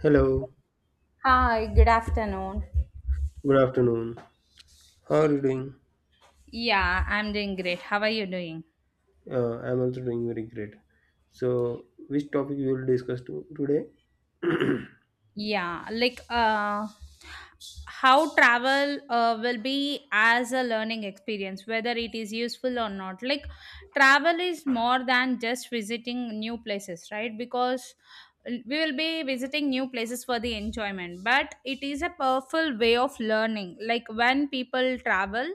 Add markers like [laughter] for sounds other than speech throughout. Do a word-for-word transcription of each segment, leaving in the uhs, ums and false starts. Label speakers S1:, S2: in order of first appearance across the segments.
S1: Hello,
S2: Hi, good afternoon.
S1: good afternoon. How are you doing?
S2: Yeah, I'm doing great. How are you doing?
S1: Uh, I'm also doing very great. So, which topic we will discuss to, today?
S2: Yeah, like uh, how travel uh, will be as a learning experience, whether it is useful or not. Like travel is more than just visiting new places, right? Because uh, we will be visiting new places for the enjoyment, but it is a powerful way of learning. Like when people travel,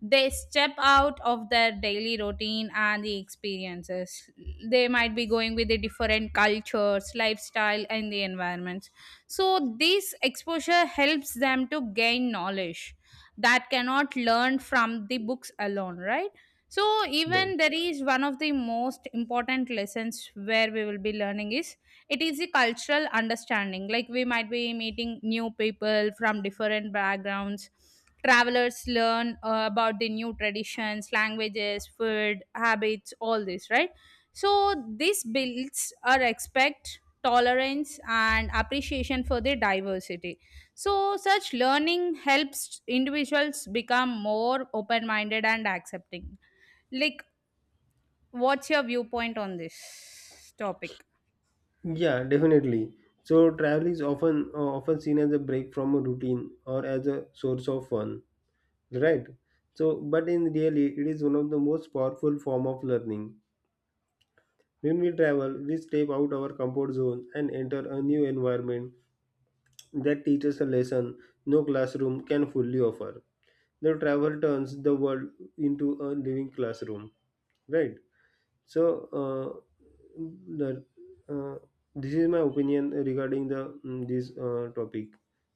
S2: they step out of their daily routine and the experiences. They might be going with the different cultures, lifestyle, and the environments. So, this exposure helps them to gain knowledge that cannot learn from the books alone, right? So,
S1: Right.
S2: even there is one of the most important lessons where we will be learning is, it is a cultural understanding. Like, we might be meeting new people from different backgrounds. Travelers learn uh, about the new traditions, languages, food, habits, all this, right? So, this builds our respect, tolerance and appreciation for their diversity. So such learning helps individuals become more open minded and accepting. Like, what's your viewpoint on this topic?
S1: Yeah, definitely. So, travel is often uh, often seen as a break from a routine or as a source of fun, right? So, but in really, it is one of the most powerful form of learning. When we travel, we step out our comfort zone and enter a new environment that teaches a lesson no classroom can fully offer. The travel turns the world into a living classroom, right? So, uh, the, uh, this is my opinion regarding the mm, this uh, topic.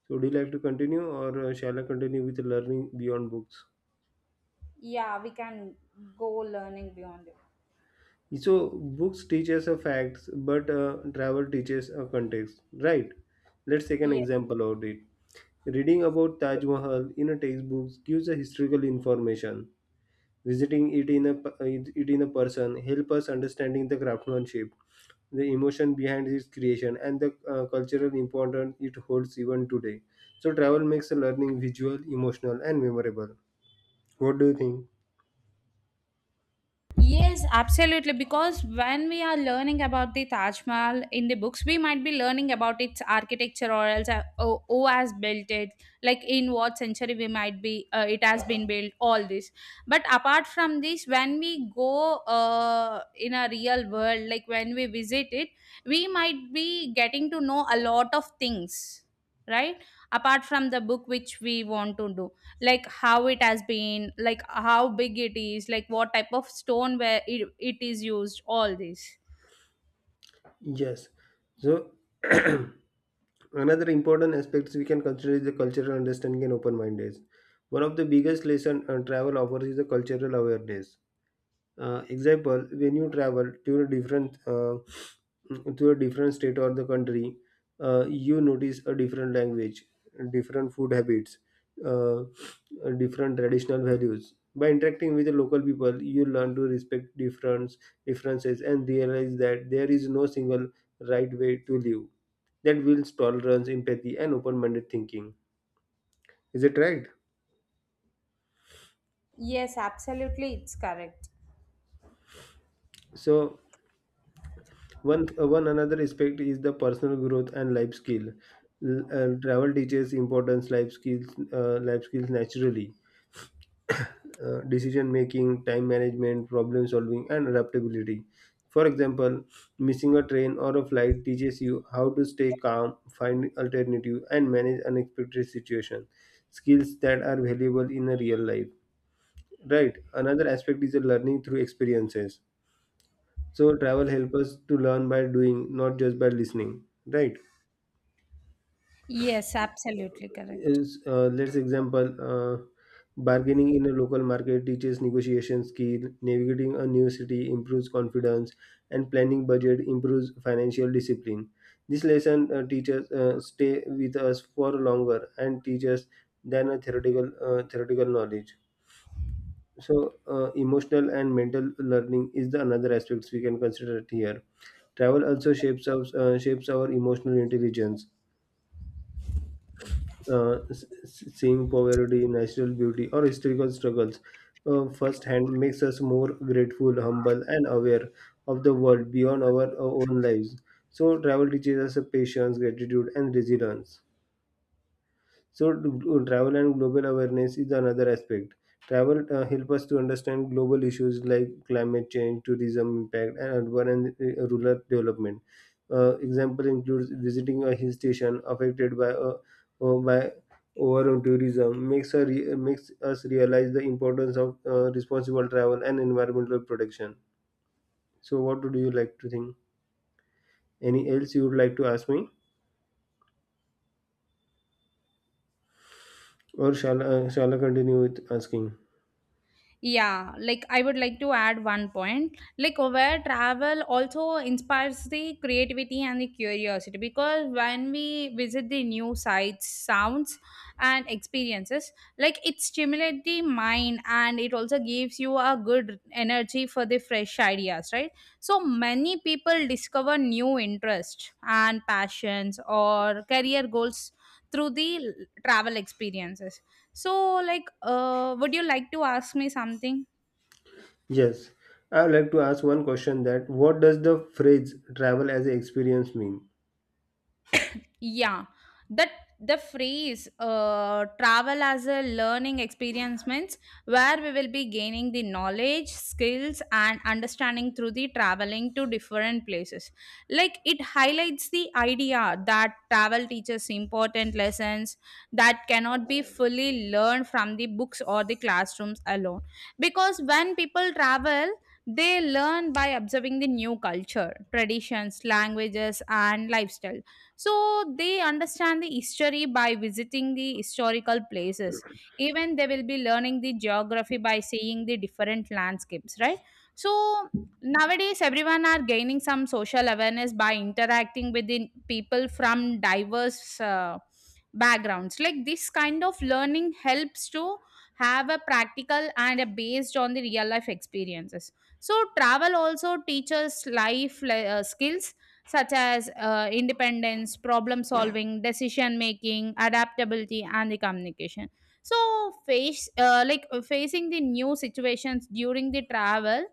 S1: So, would you like to continue, or uh, shall I continue with learning beyond books?
S2: Yeah, we can go learning beyond it.
S1: So, books teach us a facts, but uh, travel teaches a context, right? Let's take an example of it. Reading about Taj Mahal in a textbook gives a historical information. Visiting it in a it in a person help us understanding the craftsmanship, the emotion behind its creation, and the uh, cultural importance it holds even today. So travel makes the learning visual, emotional, and memorable. What do you think?
S2: Yes, absolutely. Because when we are learning about the Taj Mahal in the books, we might be learning about its architecture or else uh, oh, who has built it, like in what century we might be, uh, it has been built, all this. But apart from this, when we go uh, in a real world, like when we visit it, we might be getting to know a lot of things, right? Apart from the book which we want to do, like how it has been, like how big it is, like what type of stone where it, it is used, all this.
S1: Yes. So. [clears throat] Another important aspects we can consider is the cultural understanding and open mindedness. One of the biggest lesson uh, travel offers is the cultural awareness. Uh, example, when you travel to a different uh, to a different state or the country, uh, you notice a different language, different food habits, uh, different traditional values. By interacting with the local people, you learn to respect difference differences and realize that there is no single right way to live. That builds tolerance, empathy, and open-minded thinking. Is it right?
S2: Yes, absolutely, it's correct.
S1: So One, uh, one another aspect is the personal growth and life skill. L- uh, travel teaches importance life skills, uh, life skills naturally, uh, decision making, time management, problem solving, and adaptability. For example, missing a train or a flight teaches you how to stay calm, find alternative, and manage unexpected situations. Skills that are valuable in a real life. Right. Another aspect is the learning through experiences. So travel helps us to learn by doing, not just by listening. Right.
S2: Yes, absolutely correct.
S1: is uh, let's Example, uh, bargaining in a local market teaches negotiation skill, navigating a new city improves confidence, and planning budget improves financial discipline. This lesson uh, teaches uh, stay with us for longer and teaches than a theoretical uh, theoretical knowledge. So uh, emotional and mental learning is the another aspects we can consider it here. Travel also shapes us uh, shapes our emotional intelligence, uh, s- s- seeing poverty, natural beauty, or historical struggles uh, firsthand makes us more grateful, humble, and aware of the world beyond our, our own lives. So, travel teaches us a patience, gratitude, and resilience. So gl- travel and global awareness is another aspect. Travel uh, help us to understand global issues like climate change, tourism impact, and urban and uh, rural development. Uh, example includes visiting a hill station affected by uh, uh, by overall tourism, makes a re- makes us realize the importance of uh, responsible travel and environmental protection. So, what would you like to think? Any else you would like to ask me, or shall uh, shall I continue with asking?
S2: Yeah, like I would like to add one point, like where travel also inspires the creativity and the curiosity because when we visit the new sights, sounds, and experiences, like it stimulates the mind and it also gives you a good energy for the fresh ideas, right? So many people discover new interests and passions or career goals through the l- travel experiences. So, like uh, would you like to ask me something?
S1: Yes, I would like to ask one question that what does the phrase travel as an experience mean?
S2: Yeah, that the phrase uh, travel as a learning experience means where we will be gaining the knowledge, skills, and understanding through the traveling to different places. Like it highlights the idea that travel teaches important lessons that cannot be fully learned from the books or the classrooms alone. Because when people travel, they learn by observing the new culture, traditions, languages, and lifestyle. So they understand the history by visiting the historical places. Even they will be learning the geography by seeing the different landscapes, right? So nowadays everyone are gaining some social awareness by interacting with the people from diverse uh, backgrounds. Like this kind of learning helps to have a practical and a based on the real life experiences. So travel also teaches life le- uh, skills such as uh, independence, problem solving, decision making, adaptability, and the communication. So, face uh, like uh, facing the new situations during the travel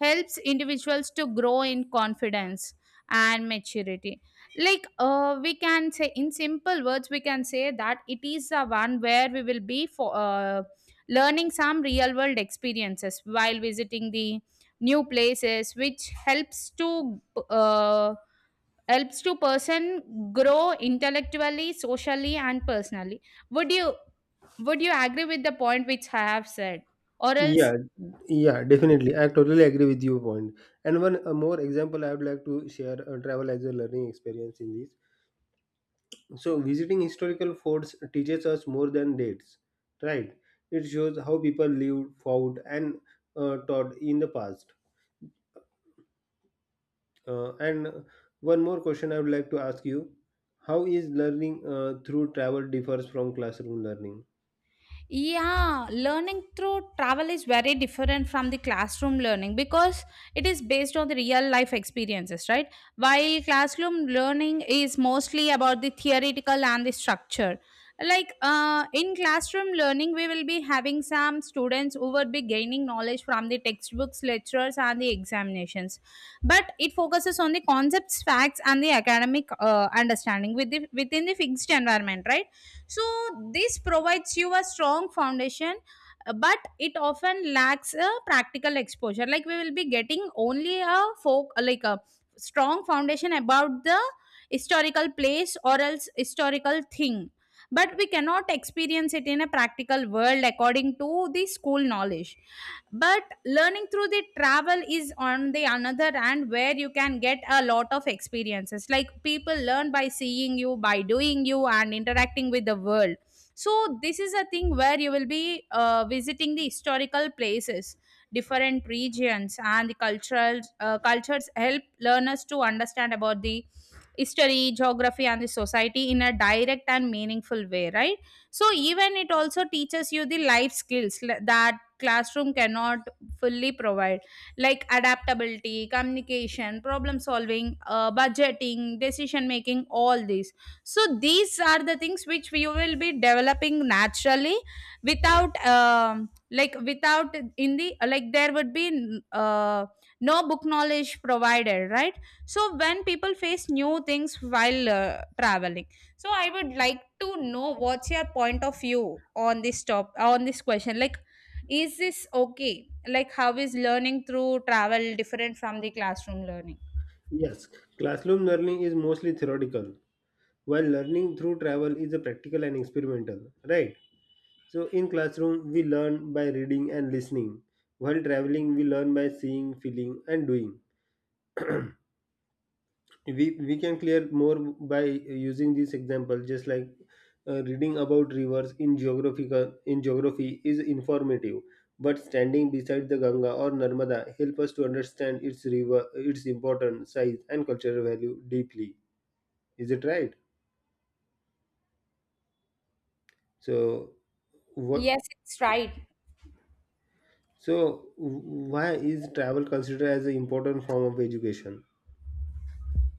S2: helps individuals to grow in confidence and maturity. Like, uh, we can say in simple words, we can say that it is the one where we will be for uh, learning some real world experiences while visiting the new places, which helps to uh, helps to person grow intellectually, socially, and personally. Would you would you agree with the point which I have said? Or else.
S1: Yeah, yeah, definitely. I totally agree with your point. And one uh, more example I would like to share, uh, travel as a learning experience in this. So, visiting historical forts teaches us more than dates, right? It shows how people lived, fought, and uh, taught in the past. Uh, and one more question I would like to ask you: how is learning uh, through travel differs from classroom learning?
S2: Yeah, learning through travel is very different from the classroom learning because it is based on the real life experiences, right? While classroom learning is mostly about the theoretical and the structure. Like uh, in classroom learning, we will be having some students who will be gaining knowledge from the textbooks, lectures, and the examinations. But it focuses on the concepts, facts, and the academic uh, understanding with the, within the fixed environment, right? So this provides you a strong foundation, uh, but it often lacks a practical exposure, like we will be getting only a folk, like a strong foundation about the historical place or else historical thing, but we cannot experience it in a practical world according to the school knowledge. But learning through the travel is on the another hand, where you can get a lot of experiences, like people learn by seeing, you by doing, you and interacting with the world. So this is a thing where you will be uh, visiting the historical places, different regions and the cultural uh, cultures help learners to understand about the history, geography and the society in a direct and meaningful way, right? So even it also teaches you the life skills le- that classroom cannot fully provide, like adaptability, communication, problem solving, uh, budgeting, decision making, all these. So these are the things which we will be developing naturally, without um, like without in the, like there would be uh, no book knowledge provided, right? So when people face new things while uh, traveling. So I would like to know, what's your point of view on this top on this question, like, is this okay? Like, how is learning through travel different from the classroom learning?
S1: Yes, classroom learning is mostly theoretical, while learning through travel is a practical and experimental, right? So in classroom we learn by reading and listening. While traveling we learn by seeing, feeling and doing. We we can clear more by using this example, just like uh, reading about rivers in geographical in geography is informative, but standing beside the Ganga or Narmada help us to understand its river, its importance, size and cultural value deeply. Is it right? So what?
S2: Yes, it's right.
S1: So why is travel considered as an important form of education?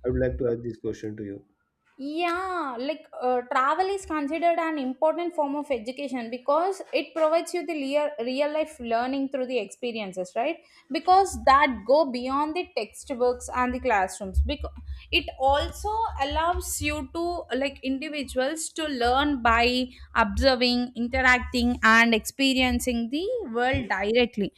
S1: I would like to ask this question to you.
S2: Yeah, like uh, travel is considered an important form of education because it provides you the real, real life learning through the experiences, right? Because that go beyond the textbooks and the classrooms. Because it also allows you to like individuals to learn by observing, interacting, and experiencing the world directly.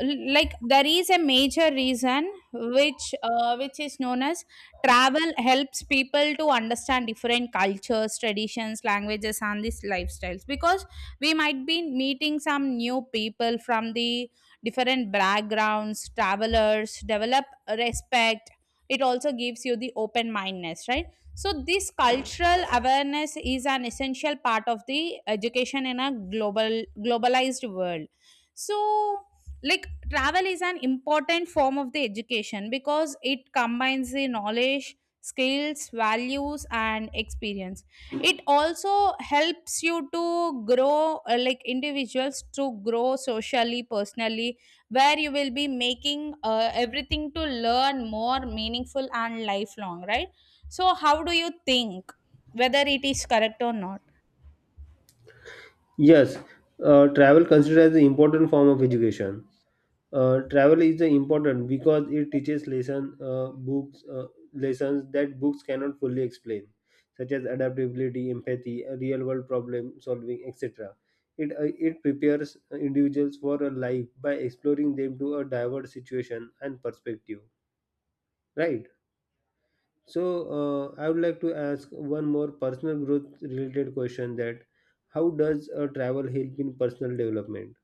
S2: L- Like there is a major reason which uh, which is known as Travel helps people to understand different cultures, traditions, languages, and these lifestyles because we might be meeting some new people from the different backgrounds, travelers, develop respect. It also gives you the open mindedness, right? So, this cultural awareness is an essential part of the education in a global globalized world. So, like travel is an important form of the education because it combines the knowledge, skills, values and experience. It also helps you to grow, uh, like individuals to grow socially, personally, where you will be making uh, everything to learn more meaningful and lifelong, right? So how do you think, whether it is correct or not?
S1: Yes, uh, travel considered as an important form of education. Uh, travel is uh, important because it teaches lesson uh, books uh, lessons that books cannot fully explain, such as adaptability, empathy, uh, real world problem solving, et cetera. It uh, it prepares individuals for a life by exploring them to a diverse situation and perspective. Right. So uh, I would like to ask one more personal growth related question, that how does uh, travel help in personal development?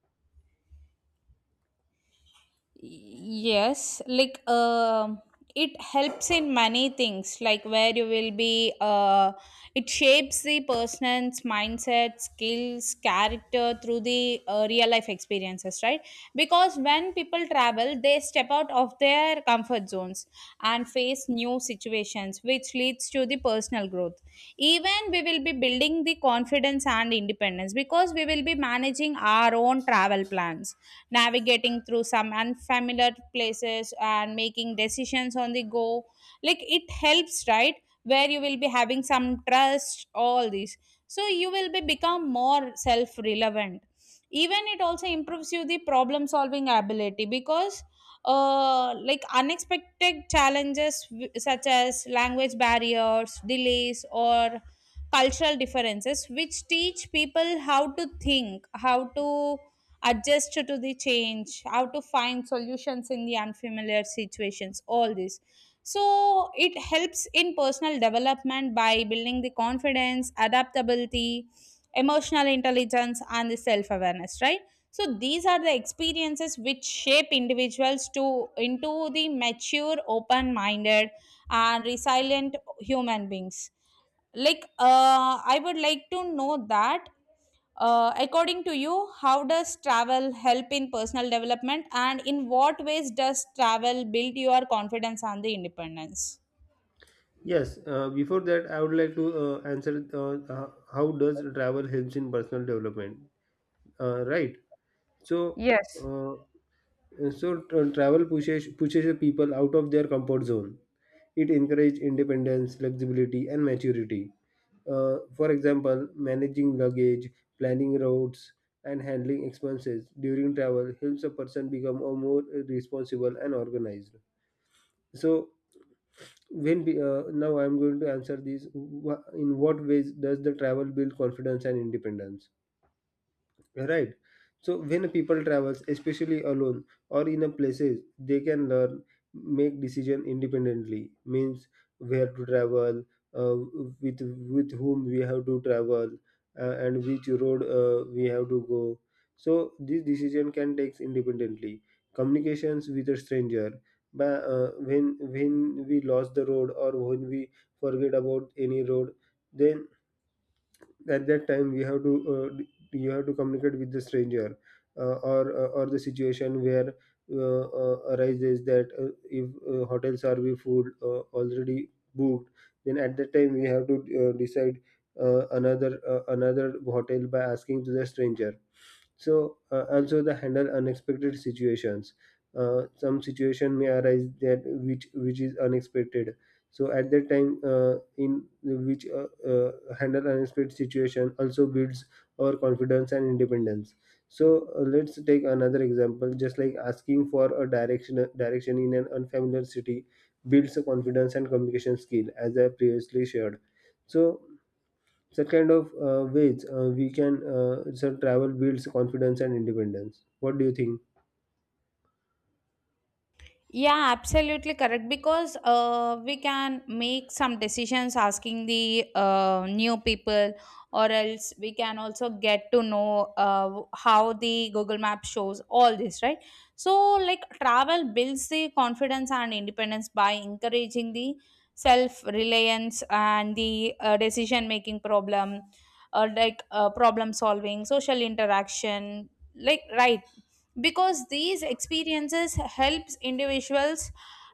S2: Yes, like um it helps in many things, like where you will be uh, it shapes the person's mindset, skills, character through the uh, real life experiences, right? Because when people travel they step out of their comfort zones and face new situations which leads to the personal growth. Even we will be building the confidence and independence because we will be managing our own travel plans, navigating through some unfamiliar places and making decisions on the go, like it helps, right? Where you will be having some trust, all these, so you will be become more self relevant. Even it also improves you the problem solving ability because uh, like unexpected challenges w- such as language barriers, delays or cultural differences which teach people how to think, how to adjust to the change, how to find solutions in the unfamiliar situations, all this. So it helps in personal development by building the confidence, adaptability, emotional intelligence, and the self awareness, right? So these are the experiences which shape individuals to into the mature, open-minded, and resilient human beings. Like uh, I would like to know that uh, according to you, how does travel help in personal development and in what ways does travel build your confidence and the independence?
S1: Yes, uh, before that I would like to uh, answer, uh, uh, how does travel helps in personal development? Uh, right. So
S2: Yes.
S1: uh, Uh, So tra- travel pushes pushes the people out of their comfort zone. It encourages independence, flexibility, and maturity. Uh, for example, managing luggage, planning routes, and handling expenses during travel helps a person become a more responsible and organized. So, when we, uh, now I'm going to answer this. Wha- In what ways does the travel build confidence and independence? Right. So when people travels, especially alone or in a places, they can learn make decision independently. Means where to travel, uh, with with whom we have to travel, uh, and which road uh, we have to go. So this decision can takes independently. Communications with a stranger, but uh, when when we lost the road, or when we forget about any road, then at that time we have to uh, you have to communicate with the stranger, uh, or uh, or the situation where uh, uh, arises that uh, if uh, hotels are we food uh, already booked, then at that time we have to uh, decide uh, another uh, another hotel by asking to the stranger. So uh, also the handle unexpected situations. Uh, some situation may arise that which which is unexpected. So at that time, uh, in which uh, uh, handle unexpected situation also builds our confidence and independence. So uh, let's take another example. Just like asking for a direction direction in an unfamiliar city builds a confidence and communication skill, as I previously shared. So such kind of uh, ways uh, we can uh, so travel builds confidence and independence. What do you think?
S2: Yeah, absolutely correct. Because uh, we can make some decisions asking the uh, new people, or else we can also get to know uh, how the Google Map shows all this, right? So, like travel builds the confidence and independence by encouraging the self reliance and the uh, decision making problem, or like uh, problem solving, social interaction, like right, because these experiences helps individuals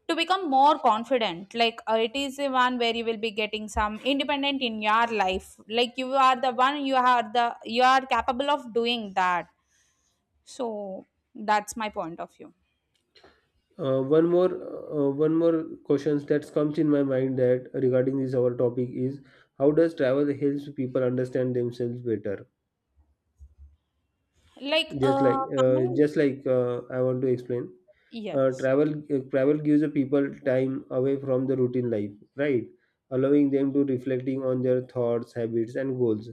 S2: to become more confident, like uh, it is the one where you will be getting some independent in your life, like you are the one, you are the you are capable of doing that. So that's my point of view.
S1: uh, one more uh, One more questions that comes in my mind, that regarding this our topic is: how does travel helps people understand themselves better?
S2: Like,
S1: just
S2: uh
S1: like uh,
S2: coming.
S1: just like uh, I want to explain. Uh,
S2: Yes.
S1: travel uh, travel gives the people time away from the routine life, right, allowing them to reflecting on their thoughts, habits and goals.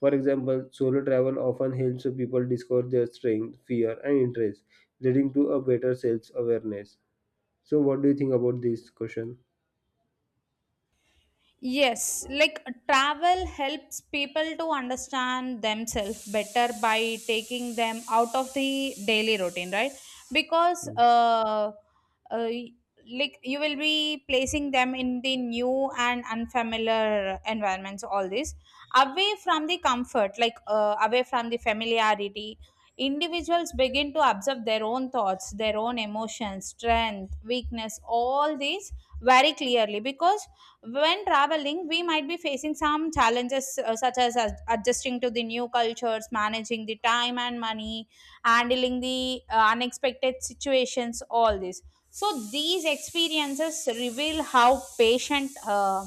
S1: For example, solo travel often helps the people discover their strength, fear and interest, leading to a better self awareness. So what do you think about this question?
S2: Yes, like uh, travel helps people to understand themselves better by taking them out of the daily routine, right? Because
S1: Hmm.
S2: uh, uh, like you will be placing them in the new and unfamiliar environments, all this away from the comfort, like uh, away from the familiarity. Individuals begin to observe their own thoughts, their own emotions, strength, weakness, all these very clearly because when traveling, we might be facing some challenges uh, such as ad- adjusting to the new cultures, managing the time and money, handling the uh, unexpected situations, all this. So these experiences reveal how patient, uh,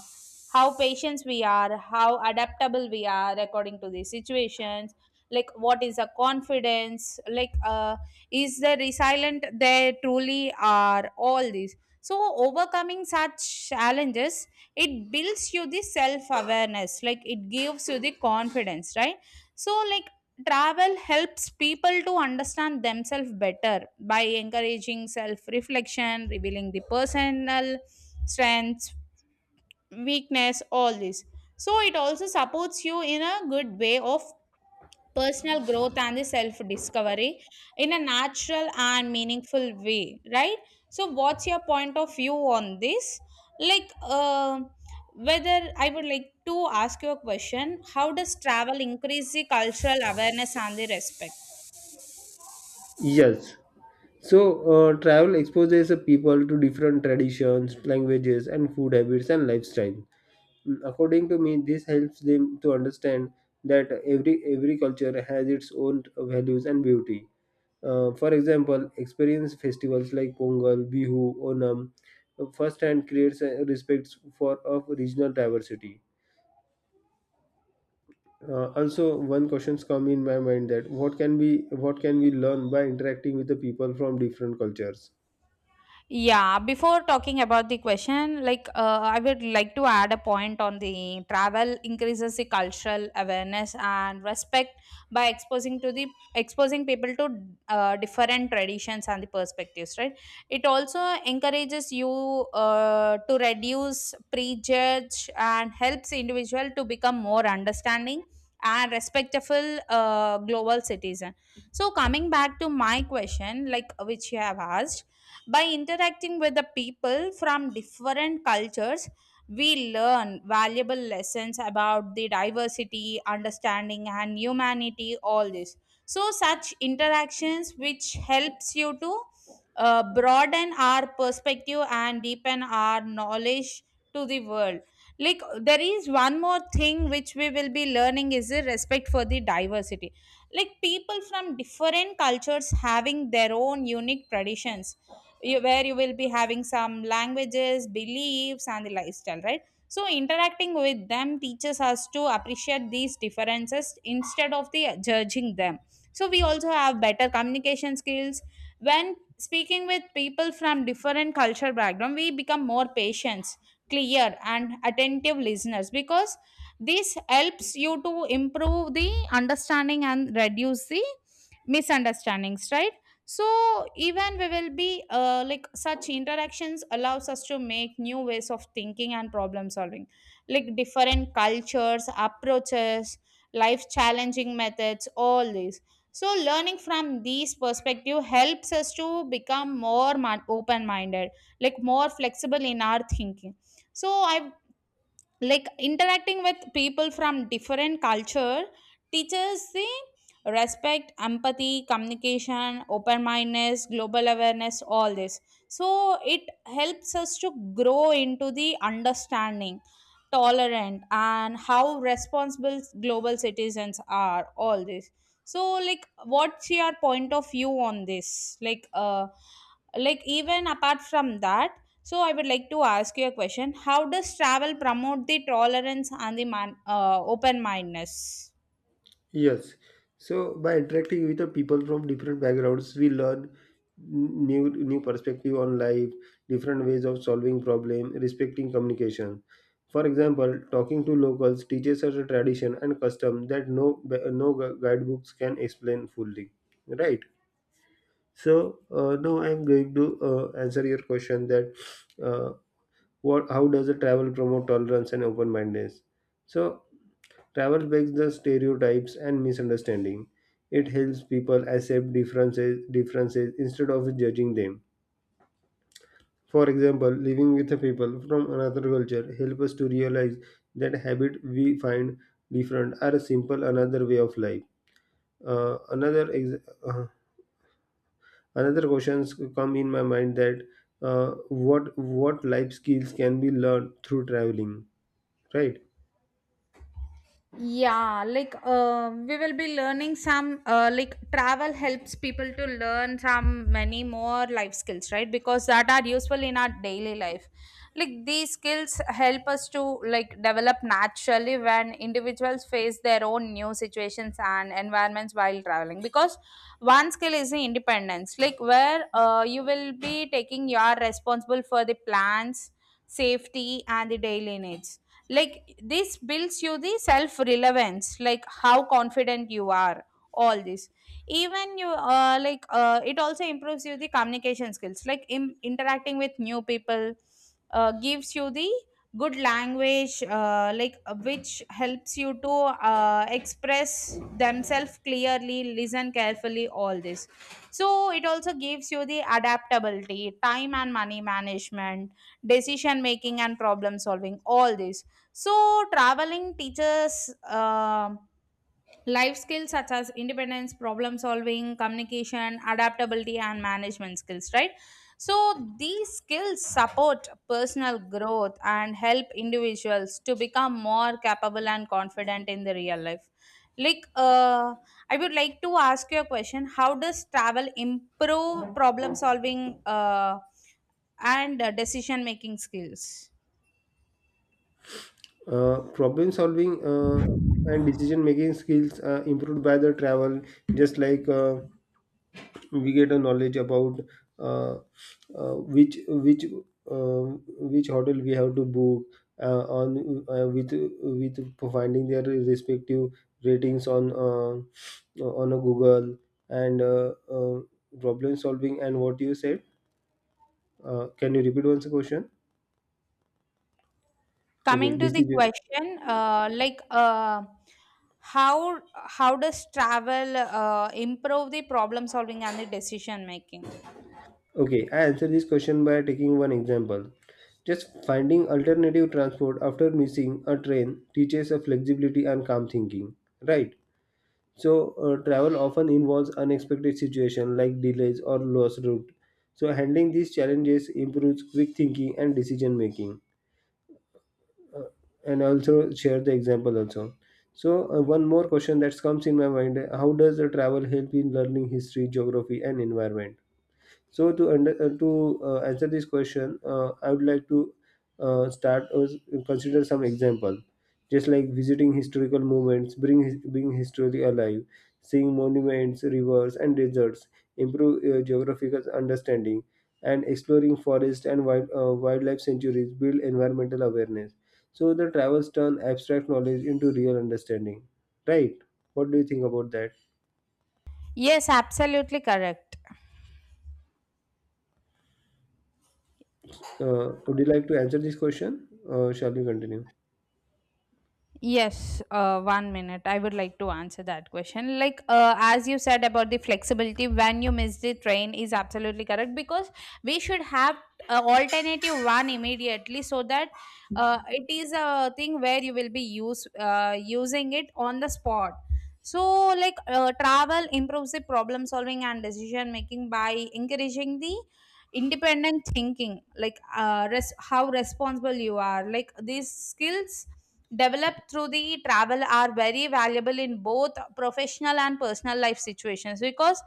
S2: how patient we are, how adaptable we are according to the situations. Like what is the confidence? Like uh, is the resilient they truly are? All these. So overcoming such challenges, it builds you the self awareness, like it gives you the confidence, right? So like travel helps people to understand themselves better by encouraging self reflection, revealing the personal strengths, weakness, all this. So it also supports you in a good way of personal growth and the self discovery in a natural and meaningful way, right? So what's your point of view on this? Like uh, whether I would like to ask you a question, how does travel increase the cultural awareness and the respect?
S1: Yes. So, uh, travel exposes the people to different traditions, languages, and food habits and lifestyle. According to me, this helps them to understand that every every culture has its own values and beauty. Uh, for example, experience festivals like Pongal, Bihu, Onam uh, firsthand creates a respect for of regional diversity. Uh, also, one questions come in my mind, that what can be what can we learn by interacting with the people from different cultures?
S2: Yeah, before talking about the question, like uh, I would like to add a point on the travel increases the cultural awareness and respect by exposing to the exposing people to uh, different traditions and the perspectives, right? It also encourages you uh, to reduce prejudge and helps individual to become more understanding and respectful uh, global citizen. So coming back to my question, like which you have asked, by interacting with the people from different cultures, we learn valuable lessons about the diversity, understanding, and humanity, all this. So, such interactions which helps you to uh, broaden our perspective and deepen our knowledge to the world. Like, there is one more thing which we will be learning is the respect for the diversity, like people from different cultures having their own unique traditions, you, where you will be having some languages, beliefs, and the lifestyle, right? So interacting with them teaches us to appreciate these differences instead of the judging them. So we also have better communication skills when speaking with people from different culture background. We become more patient, clear, and attentive listeners because this helps you to improve the understanding and reduce the misunderstandings, right? So even we will be uh, like such interactions allows us to make new ways of thinking and problem solving, like different cultures approaches, life challenging methods, all these. So learning from these perspective helps us to become more open minded, like more flexible in our thinking. So I, like interacting with people from different culture teaches the respect, empathy, communication, open mindedness, global awareness, all this. So it helps us to grow into the understanding, tolerant, and how responsible global citizens are, all this. So like what's your point of view on this? Like uh like even apart from that, so I would like to ask you a question. How does travel promote the tolerance and the man, uh, open mindedness?
S1: Yes. So by interacting with the people from different backgrounds, we learn n- new new perspective on life, different ways of solving problem, respecting communication. For example, talking to locals teaches us a tradition and custom that no no gu- guidebooks can explain fully. Right. So uh, now I am going to uh, answer your question that uh, what how does a travel promote tolerance and open mindedness? So travel breaks the stereotypes and misunderstanding. It helps people accept differences, differences instead of judging them. For example, living with the people from another culture help us to realize that habits we find different are a simple another way of life. Uh, another ex- uh, Another questions come in my mind, that uh, what what life skills can be learned through traveling, right?
S2: Yeah, like uh, we will be learning some uh, like travel helps people to learn some many more life skills, right? Because that are useful in our daily life, like these skills help us to like develop naturally when individuals face their own new situations and environments while traveling. Because one skill is the independence, like where uh, you will be taking, you are responsible for the plans, safety, and the daily needs. Like this builds you the self relevance, like how confident you are, all this. Even you uh, like uh, it also improves you the communication skills, like im- interacting with new people uh, gives you the good language, uh, like uh, which helps you to uh, express themselves clearly, listen carefully, all this. So it also gives you the adaptability, time and money management, decision making, and problem solving, all this. So, traveling teaches um life skills such as independence, problem solving, communication, adaptability, and management skills, right? So, these skills support personal growth and help individuals to become more capable and confident in the real life. Like, uh, I would like to ask you a question. How does travel improve problem solving uh, and decision making skills?
S1: Uh, problem solving uh, and decision making skills uh, improved by the travel. Just like uh, we get a knowledge about uh, uh, which which uh, which hotel we have to book uh, on uh, with with finding their respective ratings on uh, on a google, and uh, uh, problem solving and what you said. Uh, can you repeat once the question? Okay,
S2: Coming to the
S1: decision.
S2: question, uh, like uh, how how does travel uh, improve the problem solving and the decision making?
S1: Okay, I answer this question by taking one example. Just finding alternative transport after missing a train teaches a flexibility and calm thinking. Right. So uh, travel often involves unexpected situations like delays or lost route. So handling these challenges improves quick thinking and decision making. Uh, and also share the example also. So uh, one more question that comes in my mind: how does the travel help in learning history, geography, and environment? So to under, uh, to uh, answer this question, uh, I would like to uh, start or s- consider some example, just like visiting historical moments, bring his, being history alive, seeing monuments, rivers, and deserts, improve uh, geographical understanding, and exploring forest and wild, uh, wildlife sanctuaries, build environmental awareness. So the travels turn abstract knowledge into real understanding. Right? What do you think about that?
S2: Yes, absolutely correct.
S1: Uh, would you like to answer this question? Uh, shall we continue?
S2: Yes, uh, one minute. I would like to answer that question. Like, uh, as you said about the flexibility, when you miss the train is absolutely correct, because we should have uh, alternative one immediately, so that uh, it is a thing where you will be use uh, using it on the spot. So, like, uh, travel improves the problem solving and decision making by encouraging the independent thinking, like uh, res- how responsible you are. Like these skills developed through the travel are very valuable in both professional and personal life situations, because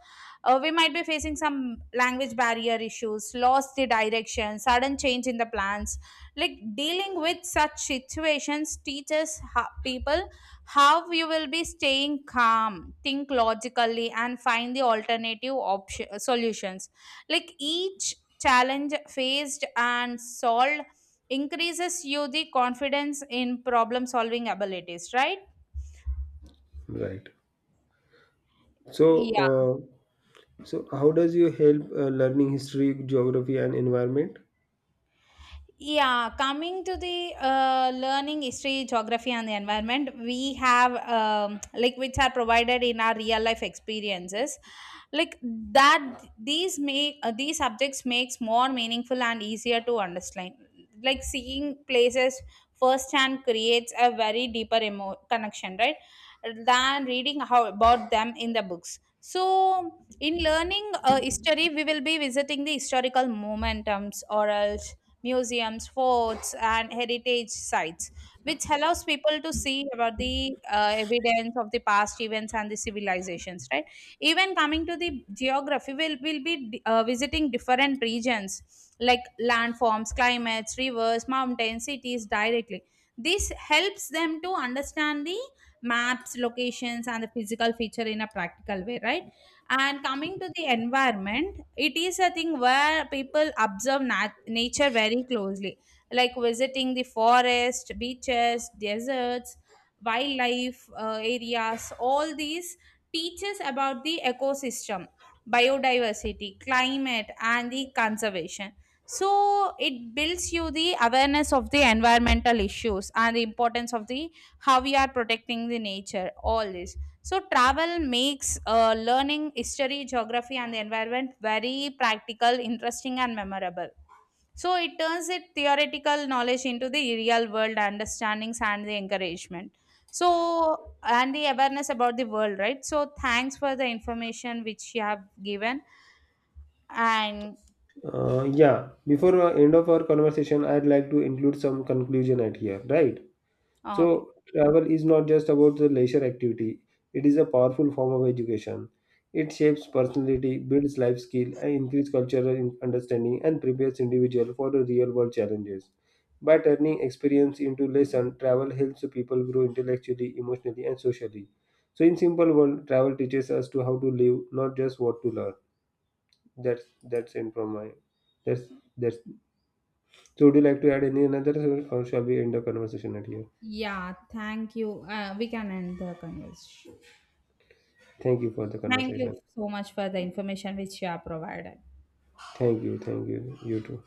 S2: uh, we might be facing some language barrier issues, lost the direction, sudden change in the plans. Like dealing with such situations teaches ho- people how you will be staying calm, think logically, and find the alternative option solutions. Like each challenge faced and solved increases you the confidence in problem solving abilities, right?
S1: Right. So, uh, so how does you help uh, learning history, geography, and environment?
S2: Yeah, coming to the uh, learning history, geography, and the environment, we have um, like which are provided in our real life experiences. Like that, these make uh, these subjects makes more meaningful and easier to understand. Like seeing places firsthand creates a very deeper emo- connection, right? Than reading how about them in the books. So in learning uh, history, we will be visiting the historical momentums or else museums, forts, and heritage sites, which allows people to see about the uh, evidence of the past events and the civilizations. Right? Even coming to the geography, we'll, we'll be uh, visiting different regions like landforms, climates, rivers, mountains, cities directly. This helps them to understand the maps, locations, and the physical feature in a practical way, right? And coming to the environment, it is a thing where people observe nat- nature very closely, like visiting the forest, beaches, deserts, wildlife uh, areas. All these teaches about the ecosystem, biodiversity, climate, and the conservation. So it builds you the awareness of the environmental issues and the importance of the how we are protecting the nature. All this. So travel makes uh, learning history, geography, and the environment very practical, interesting, and memorable. So it turns it theoretical knowledge into the real world understandings and the encouragement. So and the awareness about the world, right? So thanks for the information which you have given, and
S1: Uh, yeah. Before uh, end of our conversation, I'd like to include some conclusion at here, right?
S2: oh, okay.
S1: So, travel is not just about the leisure activity, it is a powerful form of education. It shapes personality, builds life skill, and increases cultural in- understanding and prepares individual for the real world challenges. By turning experience into lesson, travel helps the people grow intellectually, emotionally, and socially. So, in simple world, travel teaches us to how to live, not just what to learn. That's that's it from my. That's that's. So, would you like to add any another, or shall we end the conversation at here?
S2: Yeah, thank you. Uh, we can end the conversation.
S1: Thank you for the
S2: Thank you
S1: conversation.
S2: so much for the information which you have provided.
S1: Thank you. Thank you. You too.